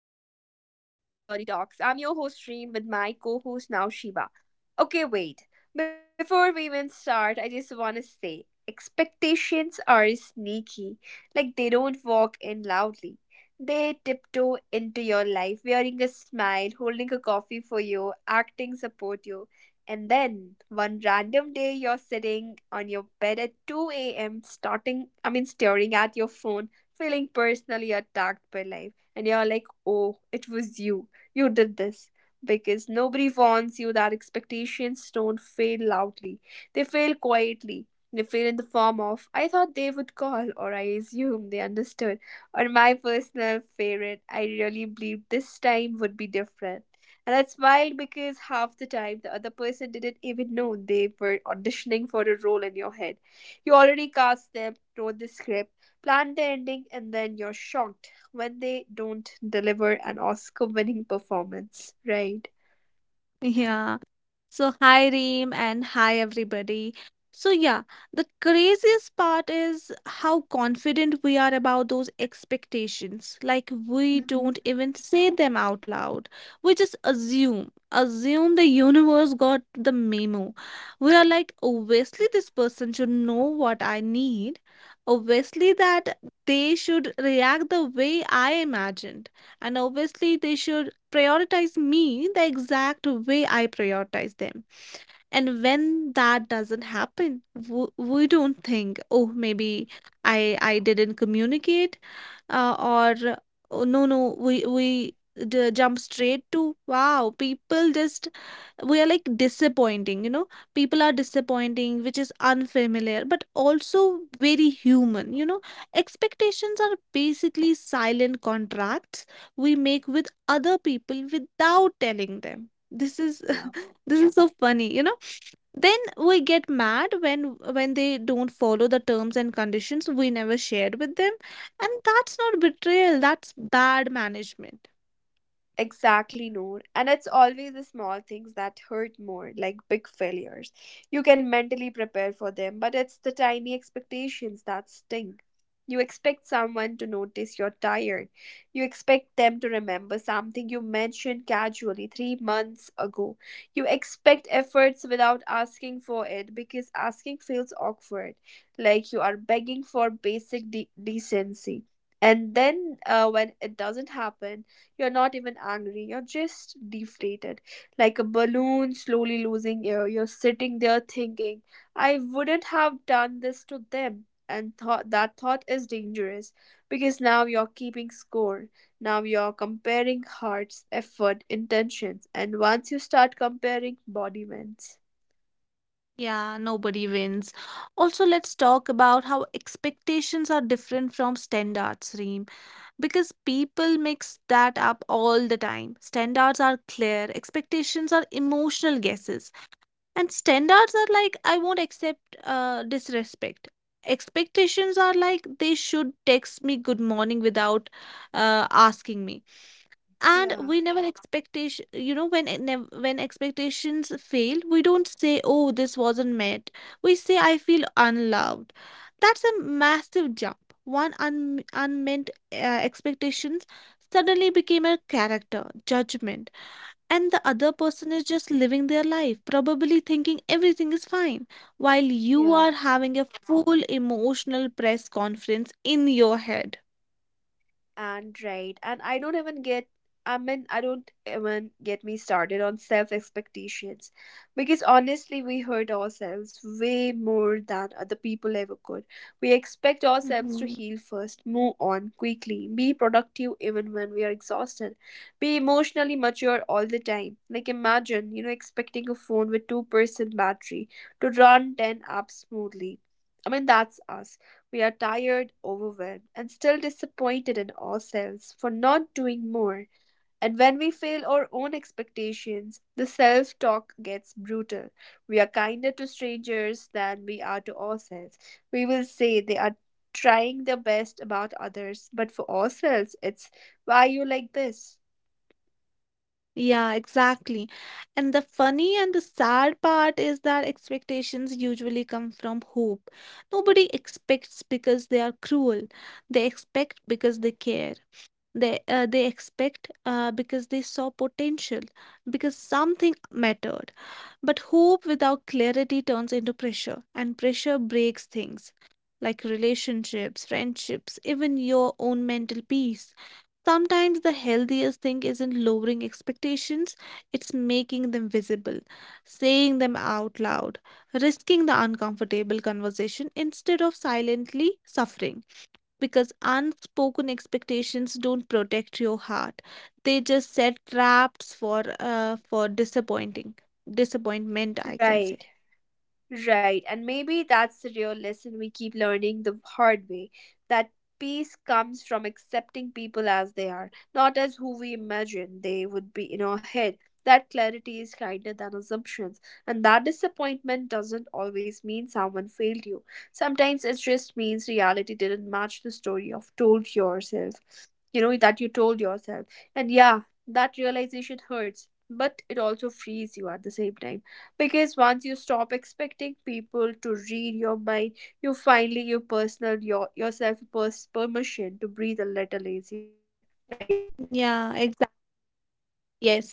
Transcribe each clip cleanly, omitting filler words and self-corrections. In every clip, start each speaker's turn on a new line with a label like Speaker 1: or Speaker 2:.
Speaker 1: and welcome to the Pink Theory Talks. I'm your host, Reem, with my co host now, Shiva. Okay, wait. Before we even start, I just want to say expectations are sneaky. Like, they don't walk in loudly, they tiptoe into your life, wearing a smile, holding a coffee for you, acting support you. And then, one random day, you're sitting on your bed at 2 a.m., staring at your phone, feeling personally attacked by life and you're like, oh, it was you. You did this. Because nobody warns you that expectations don't fail loudly, they fail quietly. They fail in the form of, I thought they would call, or I assume they understood, or my personal favorite, I really believed this time would be different. And that's wild because half the time the other person didn't even know they were auditioning for a role in your head. You already cast them, wrote the script, planned the ending, and then you're shocked when they don't deliver an Oscar winning performance, right?
Speaker 2: Yeah. So, hi Reem and hi everybody. So, yeah, the craziest part is how confident we are about those expectations. Like, we
Speaker 1: hmm
Speaker 2: don't even say them out loud. We just assume the universe got the memo. We are like, obviously, this person should know what I need. Obviously, that they should react the way I imagined. And obviously, they should prioritize me the exact way I prioritize them. And when that doesn't happen, we don't think, oh, maybe I didn't communicate, or oh, no, no, we jump straight to, wow, people just, we are like, disappointing, people are disappointing, which is unfamiliar but also very human. Expectations are basically silent contracts we make with other people without telling them. This is
Speaker 1: Yeah.
Speaker 2: this is so funny. Then we get mad when they don't follow the terms and conditions we never shared with them. And that's not betrayal, that's bad management.
Speaker 1: Exactly, Noor. And it's always the small things that hurt more, like big failures. You can mentally prepare for them, but it's the tiny expectations that sting. You expect someone to notice you're tired. You expect them to remember something you mentioned casually three months ago. You expect efforts without asking for it because asking feels awkward, like you are begging for decency. And then when it doesn't happen, you're not even angry, you're just deflated, like a balloon slowly losing air. You're sitting there thinking, I wouldn't have done this to them. And thought that thought is dangerous because now you're keeping score. Now you're comparing hearts, effort, intentions, and once you start comparing, body wins.
Speaker 2: Yeah, nobody wins. Also, let's talk about how expectations are different from standards, Reem, because people mix that up all the time. Standards are clear, expectations are emotional guesses, and standards are like, I won't accept disrespect. Expectations are like, they should text me good morning without asking me. And
Speaker 1: Yeah,
Speaker 2: we never expectation you know when when expectations fail, we don't say, oh, this wasn't met, we say, I feel unloved. That's a massive jump. One unmet expectations suddenly became a character judgment, and the other person is just living their life, probably thinking everything is fine, while you
Speaker 1: yeah.
Speaker 2: are having a full emotional press conference in your head.
Speaker 1: And right, and I don't even get, I mean, I don't even get me started on self expectations because honestly, we hurt ourselves way more than other people ever could. We expect ourselves to
Speaker 2: Mm-hmm.
Speaker 1: heal first, move on quickly, be productive even when we are exhausted, be emotionally mature all the time. Like, imagine, expecting a phone with 2% battery to run 10 apps smoothly. That's us, we are tired, overwhelmed, and still disappointed in ourselves for not doing more. And when we fail our own expectations, the self talk gets brutal. We are kinder to strangers than we are to ourselves. We will say they are trying their best about others, but for ourselves, it's why you like this.
Speaker 2: Yeah, exactly. And the funny and the sad part is that expectations usually come from hope. Nobody expects because they are cruel. They expect because they care. They expect because they saw potential, because something mattered. But hope without clarity turns into pressure, and pressure breaks things like relationships, friendships, even your own mental peace. Sometimes the healthiest thing isn't lowering expectations, it's making them visible, saying them out loud, risking the uncomfortable conversation instead of silently suffering. Because unspoken expectations don't protect your heart, they just set traps for disappointing disappointment, I can say.
Speaker 1: Right. Right, and maybe that's the real lesson we keep learning the hard way that peace comes from accepting people as they are, not as who we imagine they would be in our head. That clarity is kinder than assumptions, and that disappointment doesn't always mean someone failed you. Sometimes it just means reality didn't match the story of told yourself, you know, that you told yourself. And yeah, that realization hurts, but it also frees you at the same time because once you stop expecting people to read your mind you finally give yourself permission to breathe a little easier, right?
Speaker 2: Yeah. Yes.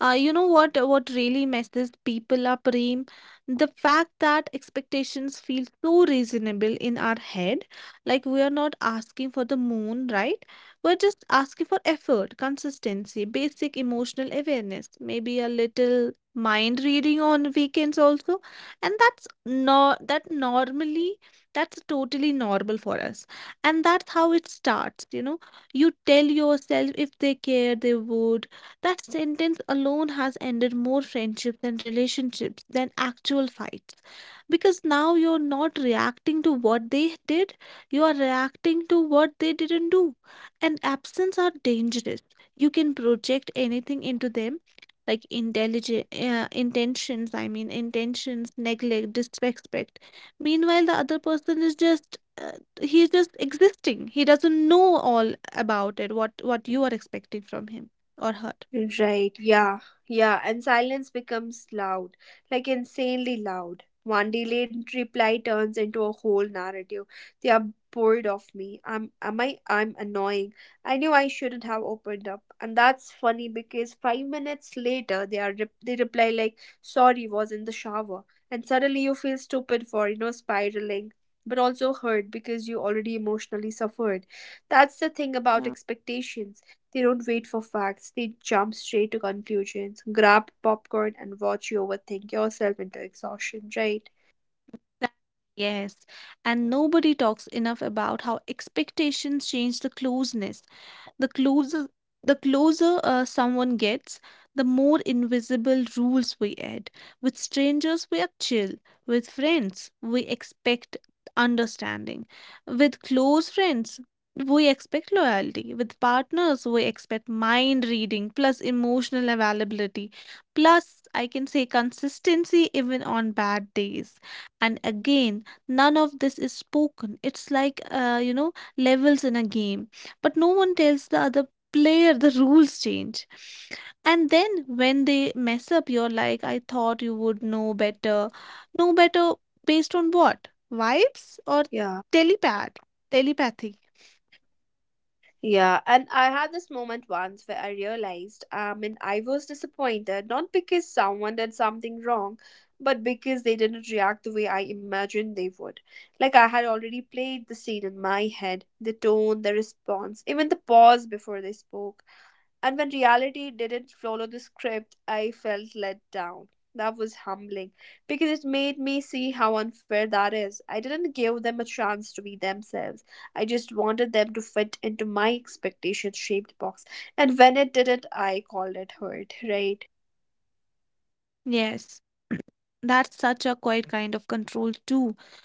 Speaker 2: You know what really messes people up, Reem? The fact that expectations feel so reasonable in our head, like we are not asking for the moon, right? We're just asking for effort, consistency, basic emotional awareness, maybe a little mind reading on weekends also. And that's not that normally that's totally normal for us. And that's how it starts, you know. You tell yourself, if they care, they would. That sentence alone has ended more friendships and relationships than actual fights. Because now you're not reacting to what they did, you are reacting to what they didn't do. And absence are dangerous. You can project anything into them, like intelligent intentions, I mean, intentions, neglect, disrespect. Meanwhile, the other person is just. He's just existing. He doesn't know all about it, what you are expecting from him or her.
Speaker 1: Right, yeah, yeah, and silence becomes loud, like insanely loud. One delayed reply turns into a whole narrative. They are bored of me. I'm annoying. I knew I shouldn't have opened up. And that's funny because 5 minutes later they reply like sorry was in the shower. And suddenly you feel stupid for, spiraling, but also hurt because you already emotionally suffered. That's the thing about
Speaker 2: Yeah.
Speaker 1: expectations, they don't wait for facts, they jump straight to conclusions. Grab popcorn and watch you overthink yourself into exhaustion, right?
Speaker 2: That- Yes, and nobody talks enough about how expectations change the closeness. the closer the closer someone gets, the more invisible rules we add. With strangers, we are chill. With friends, we expect understanding. With close friends, we expect loyalty. With partners, we expect mind reading plus emotional availability plus, I can say, consistency even on bad days. And again, none of this is spoken. It's like, levels in a game, but no one tells the other player the rules change. And then when they mess up, you're like, I thought you would know better. Based on what? Vibes or
Speaker 1: Yeah.
Speaker 2: telepath telepathy?
Speaker 1: Yeah, and I had this moment once where I realized, I mean, I was disappointed not because someone did something wrong, but because they didn't react the way I imagined they would. Like I had already played the scene in my head, the tone, the response, even the pause before they spoke. And when reality didn't follow the script, I felt let down. That was humbling because it made me see how unfair that is. I didn't give them a chance to be themselves. I just wanted them to fit into my expectation shaped box. And when it didn't, I called it hurt, right?
Speaker 2: Yes. That's such a quiet kind of control too,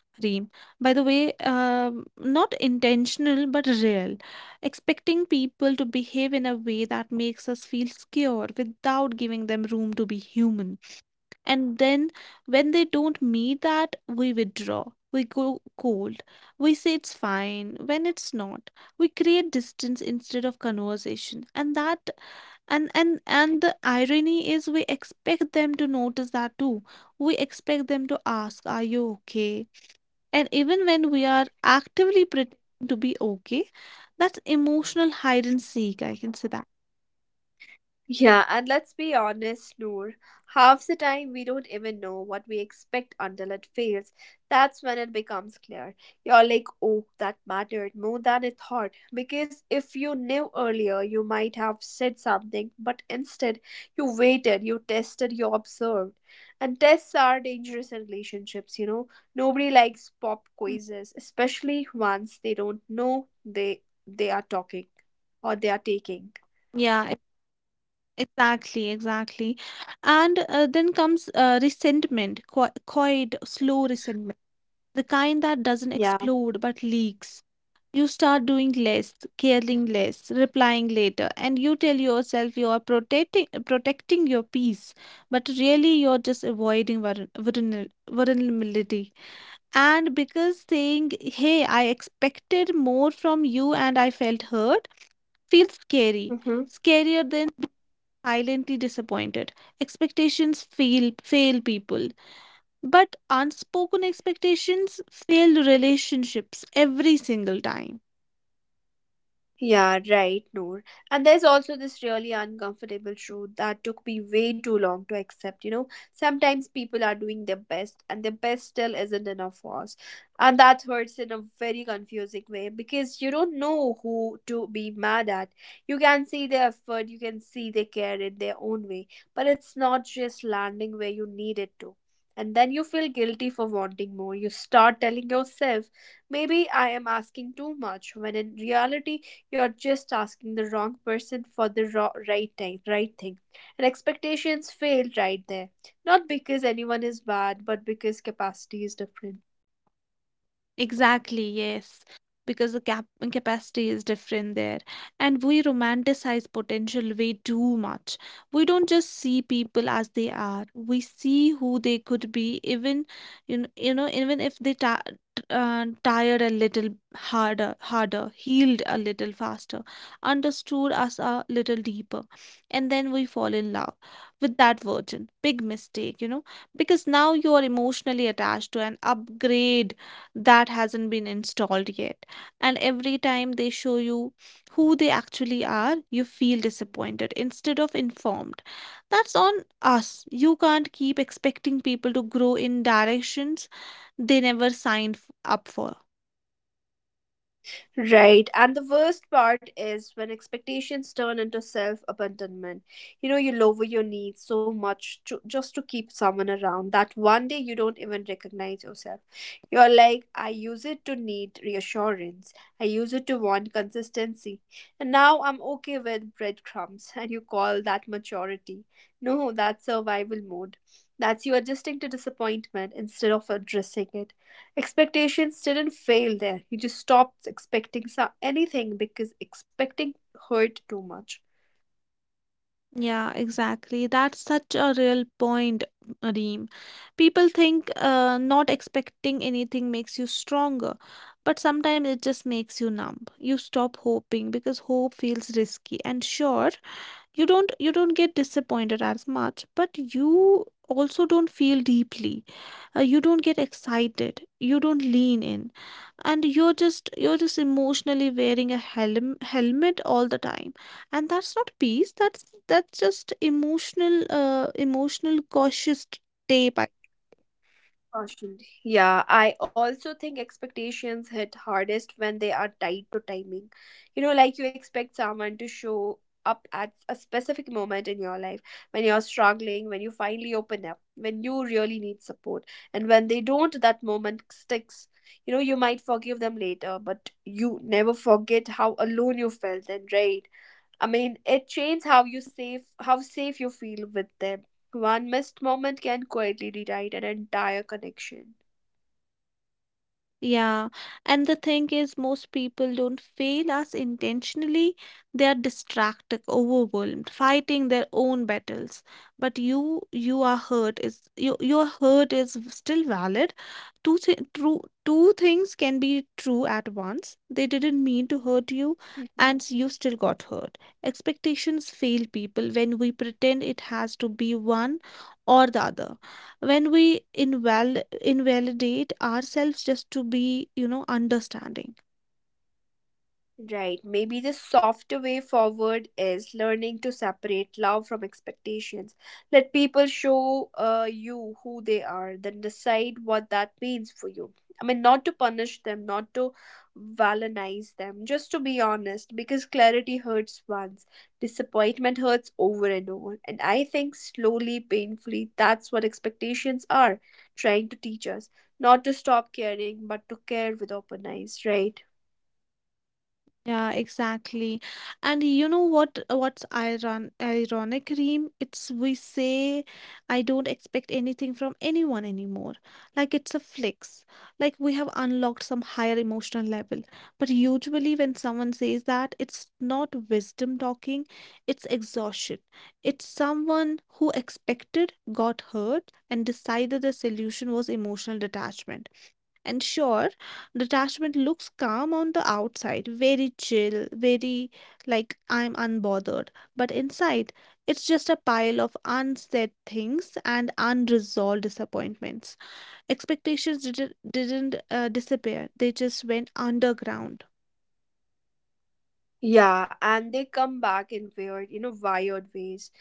Speaker 2: Reem, by the way. Not intentional but real. Expecting people to behave in a way that makes us feel secure without giving them room to be human, and then when they don't meet that, we withdraw, we go cold, we say it's fine when it's not. We create distance instead of conversation. And that and and and the irony is we expect them to notice that too. We expect them to ask, are you okay? And even when we are actively pretending to be okay, that's emotional hide and seek, I can say that.
Speaker 1: Yeah, and let's be honest, Noor. Half the time we don't even know what we expect until it fails. That's when it becomes clear. You're like, oh, that mattered more than I thought. Because if you knew earlier, you might have said something, but instead, you waited, you tested, you observed. And tests are dangerous in relationships, you know. Nobody likes pop
Speaker 2: Mm.
Speaker 1: quizzes, especially once they don't know they are talking or they are taking.
Speaker 2: Yeah. Exactly, exactly. And then comes resentment, quiet, slow resentment, the kind that doesn't
Speaker 1: Yeah.
Speaker 2: explode but leaks. You start doing less, caring less, replying later, and you tell yourself you are protecting your peace, but really you're just avoiding vulnerability. And because saying, "Hey, I expected more from you and I felt hurt," feels scary
Speaker 1: Mm-hmm.
Speaker 2: scarier than silently disappointed. Expectations fail people, but unspoken expectations fail relationships every single time.
Speaker 1: Yeah, right, Noor. And there's also this really uncomfortable truth that took me way too long to accept. You know, sometimes people are doing their best, and their best still isn't enough for us. And that hurts in a very confusing way because you don't know who to be mad at. You can see their effort, you can see they care in their own way, but it's not just landing where you need it to. And then you feel guilty for wanting more. You start telling yourself, maybe I am asking too much, when in reality, you're just asking the wrong person for right thing, right thing. And expectations fail right there. Not because anyone is bad, but because capacity is different.
Speaker 2: Exactly, yes. Because the capacity is different there. And we romanticize potential way too much. We don't just see people as they are. We see who they could be, even, even if they ti tired a little harder, healed a little faster, understood us a little deeper. And then we fall in love with that version. Big mistake, because now you are emotionally attached to an upgrade that hasn't been installed yet. And every time they show you who they actually are, you feel disappointed instead of informed. That's on us. You can't keep expecting people to grow in directions they never signed up for.
Speaker 1: Right. And the worst part is when expectations turn into self abandonment. You know, you lower your needs so much just to keep someone around that one day you don't even recognize yourself. You're like, I use it to need reassurance, I use it to want consistency. And now I'm okay with breadcrumbs. And you call that maturity. No, that's survival mode. That's you adjusting to disappointment instead of addressing it. Expectations didn't fail there. He just stopped anything because expecting hurt too much.
Speaker 2: Yeah, exactly. That's such a real point, Reem. People think not expecting anything makes you stronger, but sometimes it just makes you numb. You stop hoping because hope feels risky. And sure, you don't get disappointed as much, but you also don't feel deeply. You don't get excited, you don't lean in, and you're just emotionally wearing a helmet all the time. And that's not peace, that's just emotional cautious tape.
Speaker 1: Constantly. Yeah, I also think expectations hit hardest when they are tied to timing. You know, like you expect someone to show up at a specific moment in your life when you're struggling, when you finally open up, when you really need support. And when they don't, that moment sticks. You know, you might forgive them later, but you never forget how alone you felt then, right? I mean, it changes how safe you feel with them. One missed moment can quietly rewrite an entire connection.
Speaker 2: Yeah, and the thing is, most people don't fail us intentionally. They are distracted, overwhelmed, fighting their own battles. But you are hurt. Is your hurt is still valid? Two things can be true at once. They didn't mean to hurt you,
Speaker 1: Mm-hmm.
Speaker 2: and you still got hurt. Expectations fail people when we pretend it has to be one or the other, when we inval invalidate ourselves just to be, understanding.
Speaker 1: Right. Maybe the softer way forward is learning to separate love from expectations. Let people show you who they are, then decide what that means for you. I mean, not to punish them, not to villainize them, just to be honest, because clarity hurts once, disappointment hurts over and over. And I think slowly, painfully, that's what expectations are trying to teach us. Not to stop caring, but to care with open eyes, right?
Speaker 2: Yeah, exactly. And you know what's ironic, Reem? It's, we say, I don't expect anything from anyone anymore. Like it's a flex. Like we have unlocked some higher emotional level. But usually when someone says that, it's not wisdom talking, it's exhaustion. It's someone who expected, got hurt, and decided the solution was emotional detachment. And sure, detachment looks calm on the outside, very chill, very like, I'm unbothered. But inside, it's just a pile of unsaid things and unresolved disappointments. Expectations didn't disappear, they just went underground.
Speaker 1: Yeah, and they come back in weird, wired ways,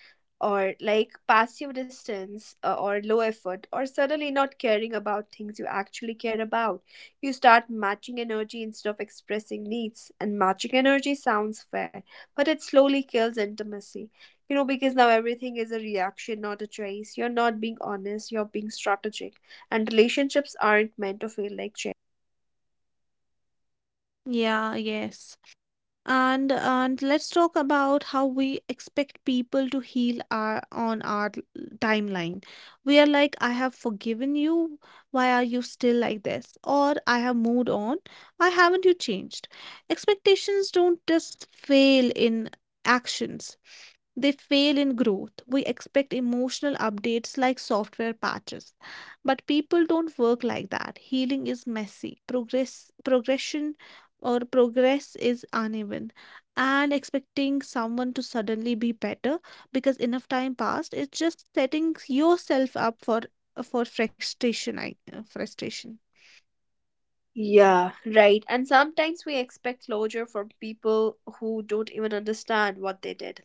Speaker 1: or like passive distance, or low effort, or suddenly not caring about things you actually care about. You start matching energy instead of expressing needs, and matching energy sounds fair, but it slowly kills intimacy. You know, because now everything is a reaction, not a choice. You're not being honest, you're being strategic. And relationships aren't meant to feel like chess, right?
Speaker 2: Yeah, yes. And let's talk about how we expect people to heal our on our l- timeline. We are like, I have forgiven you, why are you still like this? Or, I have moved on, why haven't you changed? Expectations don't just fail in actions, they fail in growth. We expect emotional updates like software patches. But people don't work like that. Healing is messy. Progress progression or Progress is uneven. And expecting someone to suddenly be better because enough time passed is just setting yourself up for frustration.
Speaker 1: Yeah, right. And sometimes we expect closure from people who don't even understand what they did.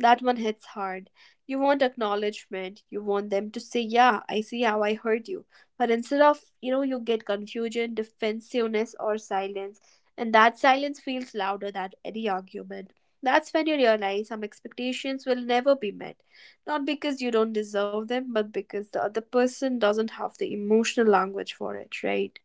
Speaker 1: That one hits hard. You want acknowledgement. You want them to say, "Yeah, I see how I hurt you." But instead of, you know, you get confusion, defensiveness, or silence, and that silence feels louder than any argument. That's when you realize some expectations will never be met. Not because you don't deserve them, but because the other person doesn't have the emotional language for it, right?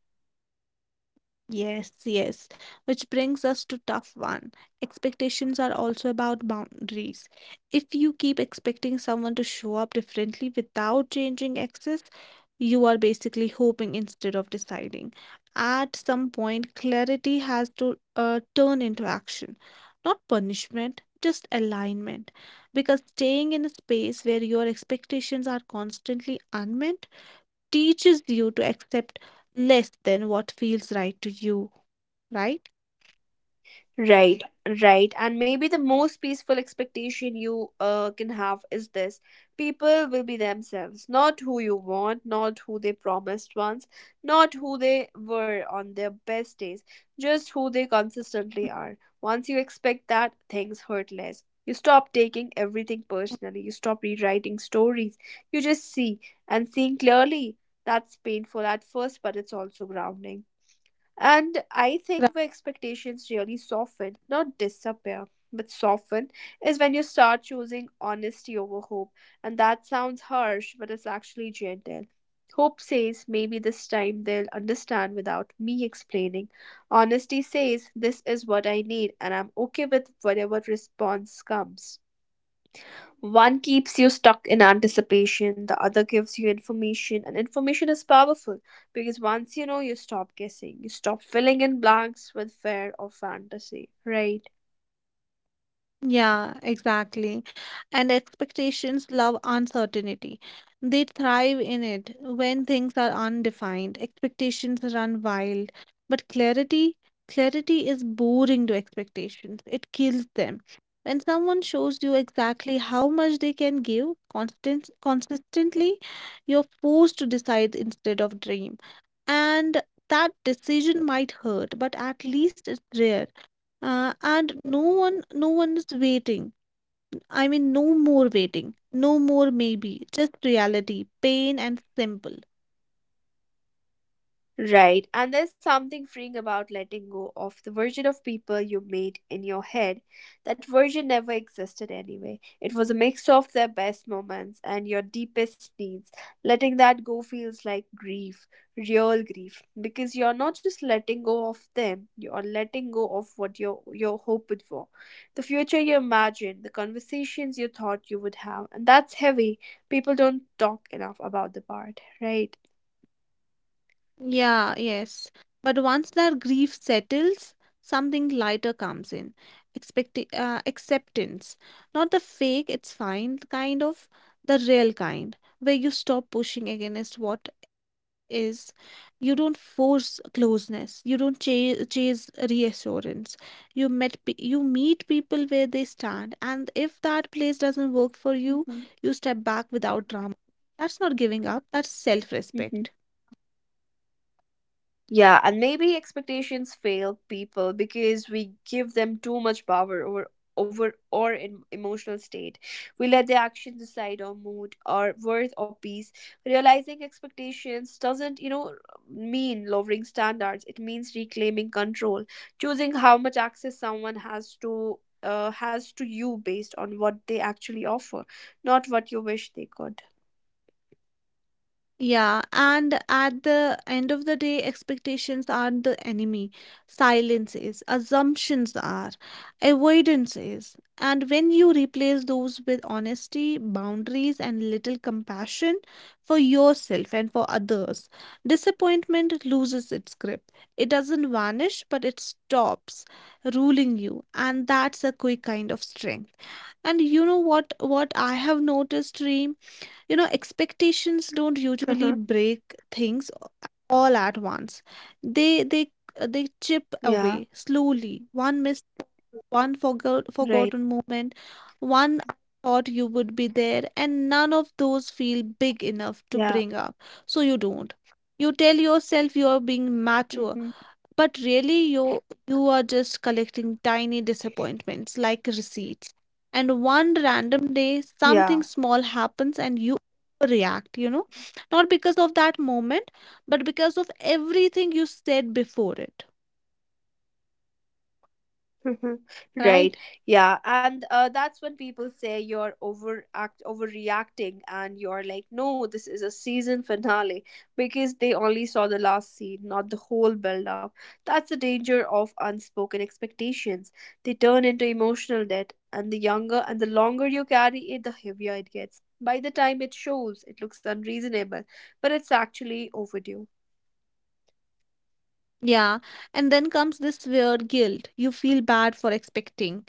Speaker 2: Yes, yes. Which brings us to tough one. Expectations are also about boundaries. If you keep expecting someone to show up differently without changing access, you are basically hoping instead of deciding. At some point, clarity has to turn into action, not punishment, just alignment. Because staying in a space where your expectations are constantly unmet teaches you to accept less than what feels right to you, right?
Speaker 1: Right, right. And maybe the most peaceful expectation you can have is this: people will be themselves, not who you want, not who they promised once, not who they were on their best days, just who they consistently are. Once you expect that, things hurt less. You stop taking everything personally, you stop rewriting stories, you just see, and seeing clearly, that's painful at first, but it's also grounding. And I think
Speaker 2: Gra-
Speaker 1: where expectations really soften, not disappear, but soften, is when you start choosing honesty over hope. And that sounds harsh, but it's actually gentle. Hope says maybe this time they'll understand without me explaining. Honesty says this is what I need, and I'm okay with whatever response comes. One keeps you stuck in anticipation, the other gives you information, and information is powerful because once you know, you stop guessing, you stop filling in blanks with fear or fantasy, right?
Speaker 2: Yeah, exactly. And expectations love uncertainty. They thrive in it when things are undefined. Expectations run wild. But clarity, is boring to expectations. It kills them. When someone shows you exactly how much they can give consistently, you're forced to decide instead of dream. And that decision might hurt, but at least it's rare. And no one is waiting, I mean, no more waiting, no more maybe, just reality, pain and simple.
Speaker 1: Right. And there's something freeing about letting go of the version of people you made in your head. That version never existed anyway. It was a mix of their best moments and your deepest needs. Letting that go feels like grief, real grief, because you're not just letting go of them, you're letting go of what you're hoping for. The future you imagined, the conversations you thought you would have. And that's heavy. People don't talk enough about the part, right?
Speaker 2: Yeah, yes. But once that grief settles, something lighter comes in. Expect Acceptance. Not the fake, it's fine kind of, the real kind, where you stop pushing against what is. You don't force closeness. You don't chase reassurance. You meet people where they stand, and if that place doesn't work for you,
Speaker 1: Mhm.
Speaker 2: you step back without drama. That's not giving up, that's self
Speaker 1: Mhm.
Speaker 2: respect.
Speaker 1: Yeah, and maybe expectations fail people because we give them too much power over our emotional state. We let their actions decide our mood, our worth, or peace. Realizing expectations doesn't mean lowering standards. It means reclaiming control, choosing how much access someone has to you based on what they actually offer, not what you wish they could.
Speaker 2: Yeah, and at the end of the day, expectations are the enemy. Silence is, assumptions are, avoidance is. And when you replace those with honesty, boundaries, and little compassion for yourself and for others, disappointment loses its grip. It doesn't vanish, but it stops ruling you. And that's a quick kind of strength. And you know what I have noticed, Reem? You know expectations don't usually
Speaker 1: Uh-huh.
Speaker 2: break things all at once. They they they chip
Speaker 1: Yeah.
Speaker 2: away slowly. One missed, one
Speaker 1: Right.
Speaker 2: forgotten moment, one I thought you would be there, and none of those feel big enough to
Speaker 1: Yeah.
Speaker 2: bring up, so you don't. You tell yourself you are being mature,
Speaker 1: Mm-hmm.
Speaker 2: but really you are just collecting tiny disappointments like receipts. And one random day something
Speaker 1: Yeah.
Speaker 2: small happens and you react, not because of that moment, but because of everything you said before it,
Speaker 1: Mhm.
Speaker 2: right?
Speaker 1: Right. Yeah. And that's when people say you're overact overreacting and you're like, no, this is a season finale because they only saw the last scene, not the whole build up. That's the danger of unspoken expectations. They turn into emotional debt, and the longer you carry it, the heavier it gets. By the time it shows, it looks unreasonable, but it's actually overdue.
Speaker 2: Yeah, and then comes this weird guilt. You feel bad for expecting.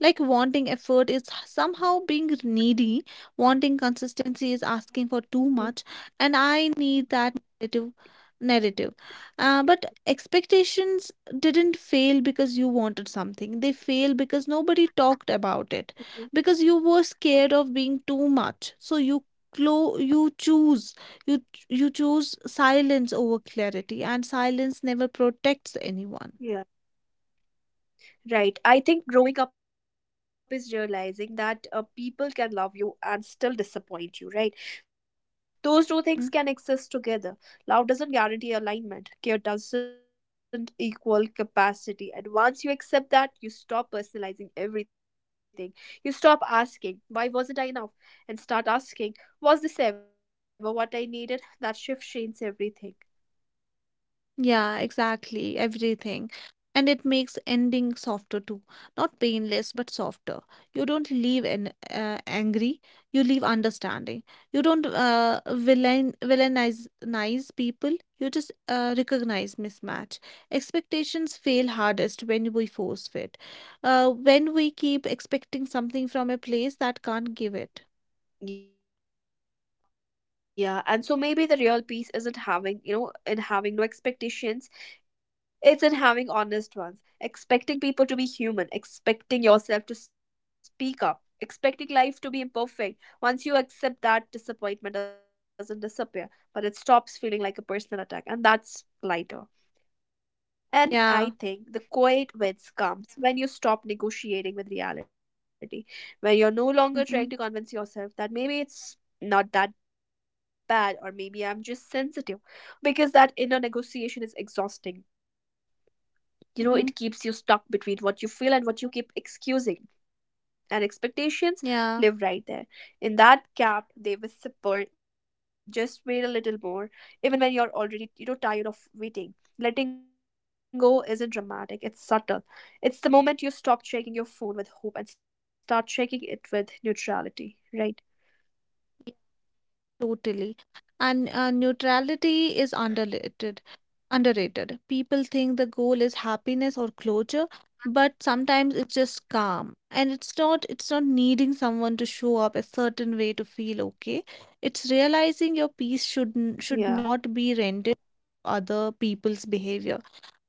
Speaker 2: Like wanting effort is somehow being needy, wanting consistency is asking for too much, and I need that narrative. narrative. But expectations didn't fail because you wanted something, they failed because nobody talked about it,
Speaker 1: Mhm.
Speaker 2: because you were scared of being too much. So you choose. You you choose silence over clarity, and silence never protects anyone.
Speaker 1: Yeah. Right. I think growing up is realizing that people can love you and still disappoint you, right? Those two
Speaker 2: Mm-hmm.
Speaker 1: things can exist together. Love doesn't guarantee alignment, care doesn't equal capacity. And once you accept that, you stop personalizing everything. You stop asking, why wasn't I enough? And start asking, was this ever what I needed? That shift changes everything.
Speaker 2: Yeah, exactly. Everything. And it makes ending softer too. Not painless, but softer. You don't leave angry, you leave understanding. You don't villainize nice people, you just recognize mismatch. Expectations fail hardest when we force fit, when we keep expecting something from a place that can't give it.
Speaker 1: Yeah, and so maybe the real peace isn't in having no expectations, it's in having honest ones, expecting people to be human, expecting yourself to speak up, expecting life to be imperfect. Once you accept that, disappointment doesn't disappear, but it stops feeling like a personal attack, and that's lighter. And I
Speaker 2: Yeah.
Speaker 1: think the quiet wins comes when you stop negotiating with reality, when you're no longer
Speaker 2: Mm-hmm.
Speaker 1: trying to convince yourself that maybe it's not that bad or maybe I'm just sensitive, because that inner negotiation is exhausting you know
Speaker 2: Mm-hmm.
Speaker 1: it keeps you stuck between what you feel and what you keep excusing, and expectations
Speaker 2: Yeah.
Speaker 1: live right there in that gap. They whisper just wait a little more, even when you're already tired of waiting. Letting go isn't dramatic, it's subtle. It's the moment you stop checking your phone with hope and start checking it with neutrality, right?
Speaker 2: Totally. And neutrality is underrated. Underrated. People think the goal is happiness or closure, but sometimes it's just calm. And it's not needing someone to show up a certain way to feel okay. It's realizing your peace should
Speaker 1: Yeah.
Speaker 2: not be rented other people's behavior.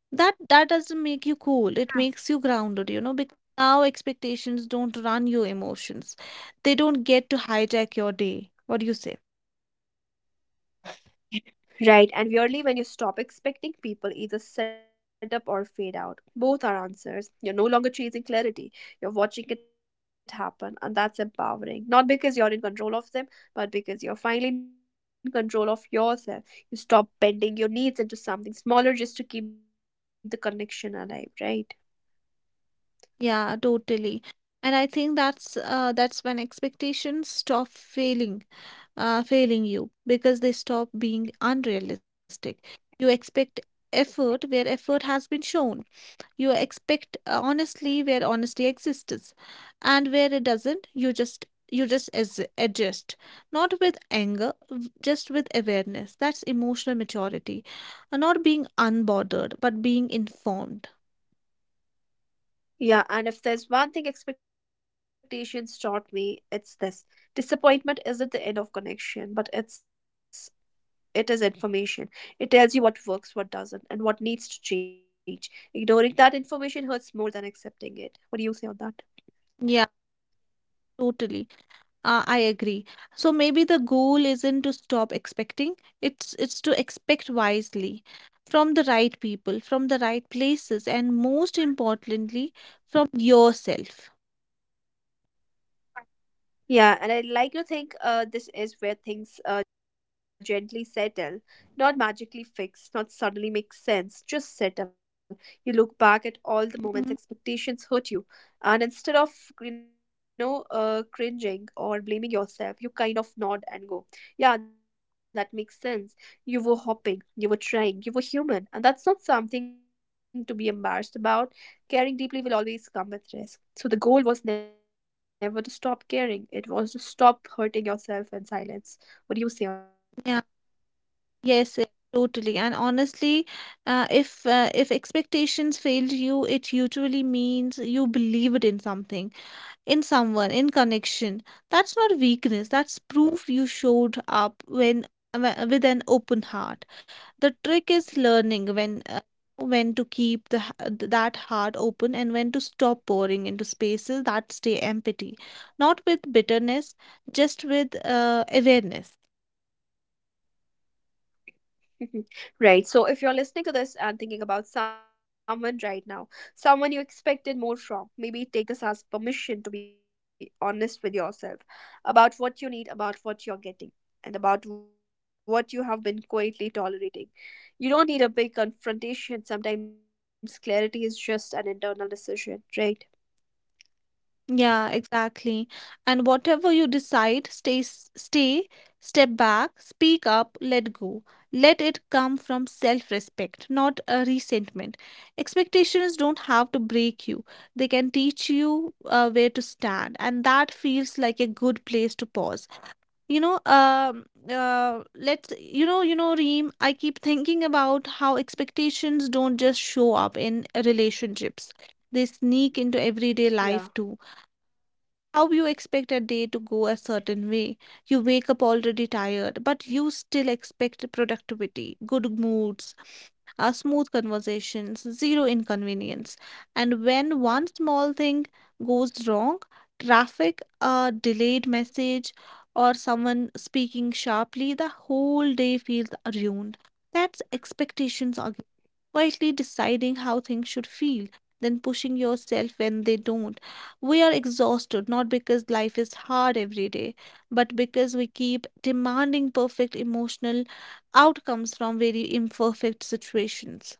Speaker 2: That doesn't make you cool. It makes you grounded, you know, because now expectations don't run your emotions. They don't get to hijack your day. What do you say?
Speaker 1: Right, and weirdly, when you stop expecting, people either set up or fade out. Both are answers. You're no longer chasing clarity, you're watching it happen, and that's empowering. Not because you're in control of them, but because you're finally in control of yourself. You stop bending your needs into something smaller just to keep the connection alive, right?
Speaker 2: Yeah, totally. And I think that's when expectations stop failing, failing you because they stop being unrealistic. You expect effort where effort has been shown. You expect honestly where honesty exists, and where it doesn't, you just adjust, not with anger v- just with awareness. That's emotional maturity. Not being unbothered but being informed.
Speaker 1: Yeah, and if there's one thing expectations taught me, it's this: disappointment isn't the end of connection, but it is information. It tells you what works, what doesn't, and what needs to change. Ignoring that information hurts more than accepting it. What do you say on that?
Speaker 2: Yeah, totally. I agree. So maybe the goal isn't to stop expecting, it's to expect wisely from the right people, from the right places, and most importantly, from yourself.
Speaker 1: Yeah, and I like to think this is where things gently settle, not magically fixed, not suddenly make sense, just settle. You look back at all the
Speaker 2: Mhm.
Speaker 1: moments expectations hurt you, and instead of cringing or blaming yourself, you kind of nod and go, "Yeah, that makes sense. You were hoping, you were trying, you were human, and that's not something to be embarrassed about. Caring deeply will always come with risk." So the goal was never to stop caring. It was to stop hurting yourself in silence. What do you say
Speaker 2: Yeah,
Speaker 1: on that?
Speaker 2: yes, yes, totally. And honestly, if expectations failed you, it usually means you believed in something. In someone, in connection. That's not weakness, that's proof you showed up with an open heart. The trick is learning when to keep that heart open and when to stop pouring into spaces that stay empty, not with bitterness, just with awareness.
Speaker 1: Mhm. Right. So if you're listening to this and thinking about someone right now, someone you expected more from, maybe take this as permission to be honest with yourself about what you need, about what you're getting, and about what you have been quietly tolerating. You don't need a big confrontation. Sometimes clarity is just an internal decision, right?
Speaker 2: Yeah, exactly. And whatever you decide, stay, step back, speak up, let go. Let it come from self-respect, not a resentment. Expectations don't have to break you. They can teach you where to stand, and that feels like a good place to pause. You know, Reem, I keep thinking about how expectations don't just show up in relationships. They sneak into everyday life too.
Speaker 1: Yeah.
Speaker 2: How you expect a day to go a certain way? You wake up already tired, but you still expect productivity, good moods, smooth conversations, zero inconvenience. And when one small thing goes wrong, traffic, a delayed message, or someone speaking sharply, the whole day feels ruined. That's expectations again, quietly deciding how things should feel, then pushing yourself when they don't. We are exhausted not because life is hard every day, but because we keep demanding perfect emotional outcomes from very imperfect situations,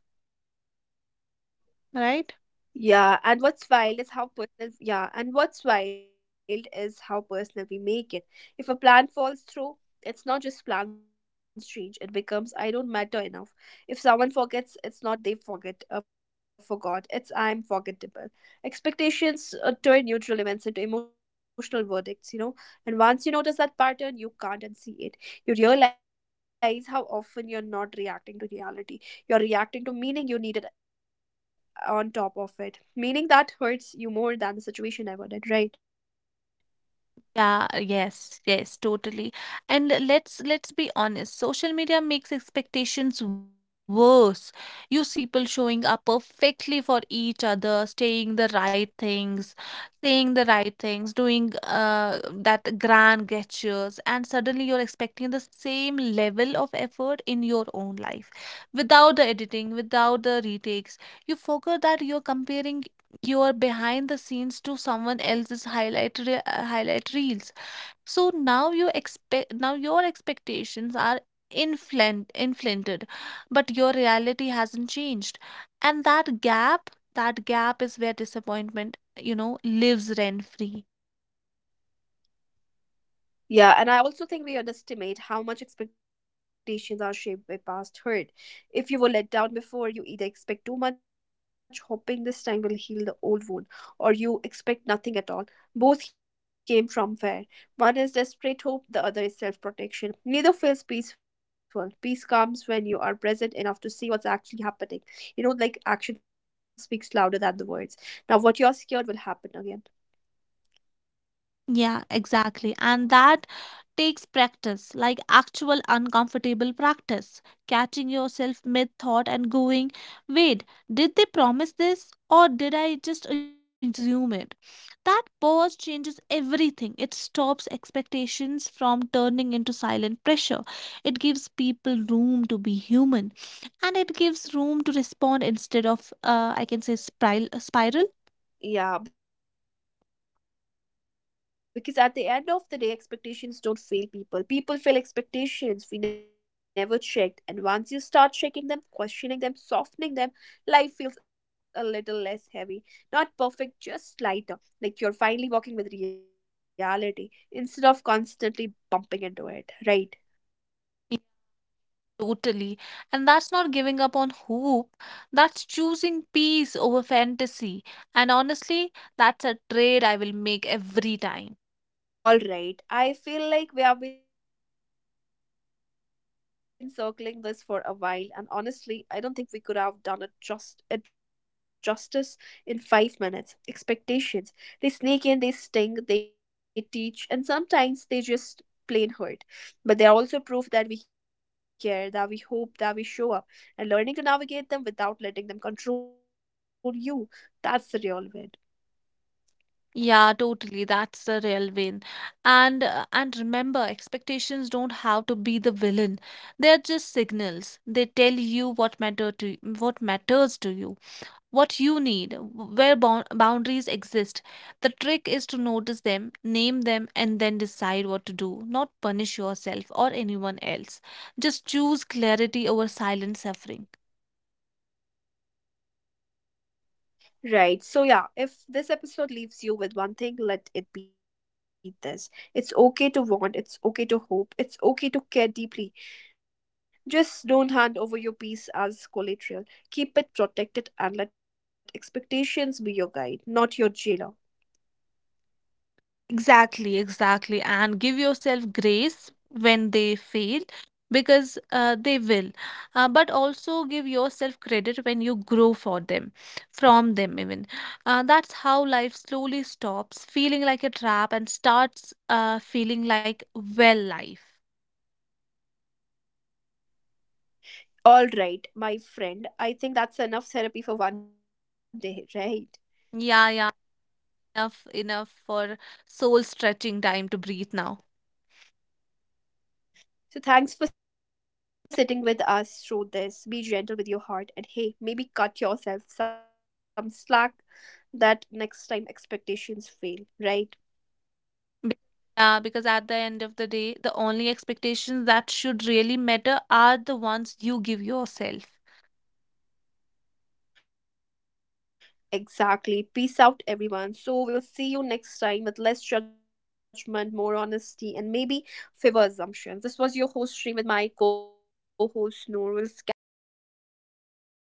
Speaker 2: right?
Speaker 1: Yeah, and what's wild is how personal, yeah, and what's wild is how personal we make it. If a plan falls through, it's not just plans change, it becomes I don't matter enough. If someone forgets, it's not they forgot, it's I'm forgettable. Expectations turn neutral events into emotional verdicts, and once you notice that pattern, you can't unsee it. You realize how often you're not reacting to reality, you're reacting to meaning you needed on top of it, meaning that hurts you more than the situation ever did, right?
Speaker 2: Yeah, yes, yes, totally. And let's be honest, social media makes expectations worse. You see people showing up perfectly for each other, saying the right things, doing that grand gestures, and suddenly you're expecting the same level of effort in your own life. Without the editing, without the retakes, you forget that you're comparing your behind the scenes to someone else's highlight reels. So now you expect now your expectations are inflated, but your reality hasn't changed, and that gap is where disappointment, you know, lives rent free.
Speaker 1: Yeah, and I also think we underestimate how much expectations are shaped by past hurt. If you were let down before, you either expect too much, hoping this time will heal the old wound, or you expect nothing at all. Both came from fear. One is desperate hope, the other is self protection. Neither feels peaceful. Peace comes when you are present enough to see what's actually happening. You know, like action speaks louder than the words. Now, what you're scared will happen again.
Speaker 2: Yeah, exactly. And that takes practice, like actual uncomfortable practice. Catching yourself mid thought and going, wait, did they promise this or did I just assume it? That pause changes everything. It stops expectations from turning into silent pressure. It gives people room to be human and it gives room to respond instead of, I can say, spiral.
Speaker 1: Yeah, because at the end of the day, expectations don't fail people. People fail expectations we never checked. And once you start checking them, questioning them, softening them, life feels a little less heavy. Not perfect, just lighter. Like you're finally walking with reality instead of constantly bumping into it, right?
Speaker 2: Totally. And that's not giving up on hope. That's choosing peace over fantasy. And honestly, that's a trade I will make every time.
Speaker 1: All right. I feel like we have been circling this for a while, and honestly, I don't think we could have done it just it justice in 5 minutes. Expectations. They sneak in, they sting, they teach, and sometimes they just plain hurt. But they are also proof that we care, that we hope, that we show up, and learning to navigate them without letting them control you. That's the real win.
Speaker 2: Yeah, totally. That's the real win. And remember, expectations don't have to be the villain. They're just signals. They tell you what matters to you, what you need, where boundaries exist. The trick is to notice them, name them, and then decide what to do, not punish yourself or anyone else. Just choose clarity over silent suffering.
Speaker 1: Right. So, yeah, if this episode leaves you with one thing, let it be this. It's okay to want, it's okay to hope, it's okay to care deeply. Just don't hand over your peace as collateral. Keep it protected and let expectations be your guide, not your jailer.
Speaker 2: Exactly, exactly. And give yourself grace when they fail because they will. But also give yourself credit when you grow for them, from them even. That's how life slowly stops feeling like a trap and starts feeling like, well, life.
Speaker 1: All right, my friend, I think that's enough therapy for one day, right?
Speaker 2: Yeah, yeah. Enough, enough for soul stretching. Time to breathe now.
Speaker 1: So, thanks for sitting with us through this. Be gentle with your heart and hey, maybe cut yourself some slack that next time expectations fail, right?
Speaker 2: Be- Yeah, because at the end of the day, the only expectations that should really matter are the ones you give yourself.
Speaker 1: Exactly. Peace out, everyone. So, we will see you next time with less judgment, more honesty, and maybe fewer assumptions. This was your host, stream with my co host, Noor. We'll catch you in the next episode. Bye bye.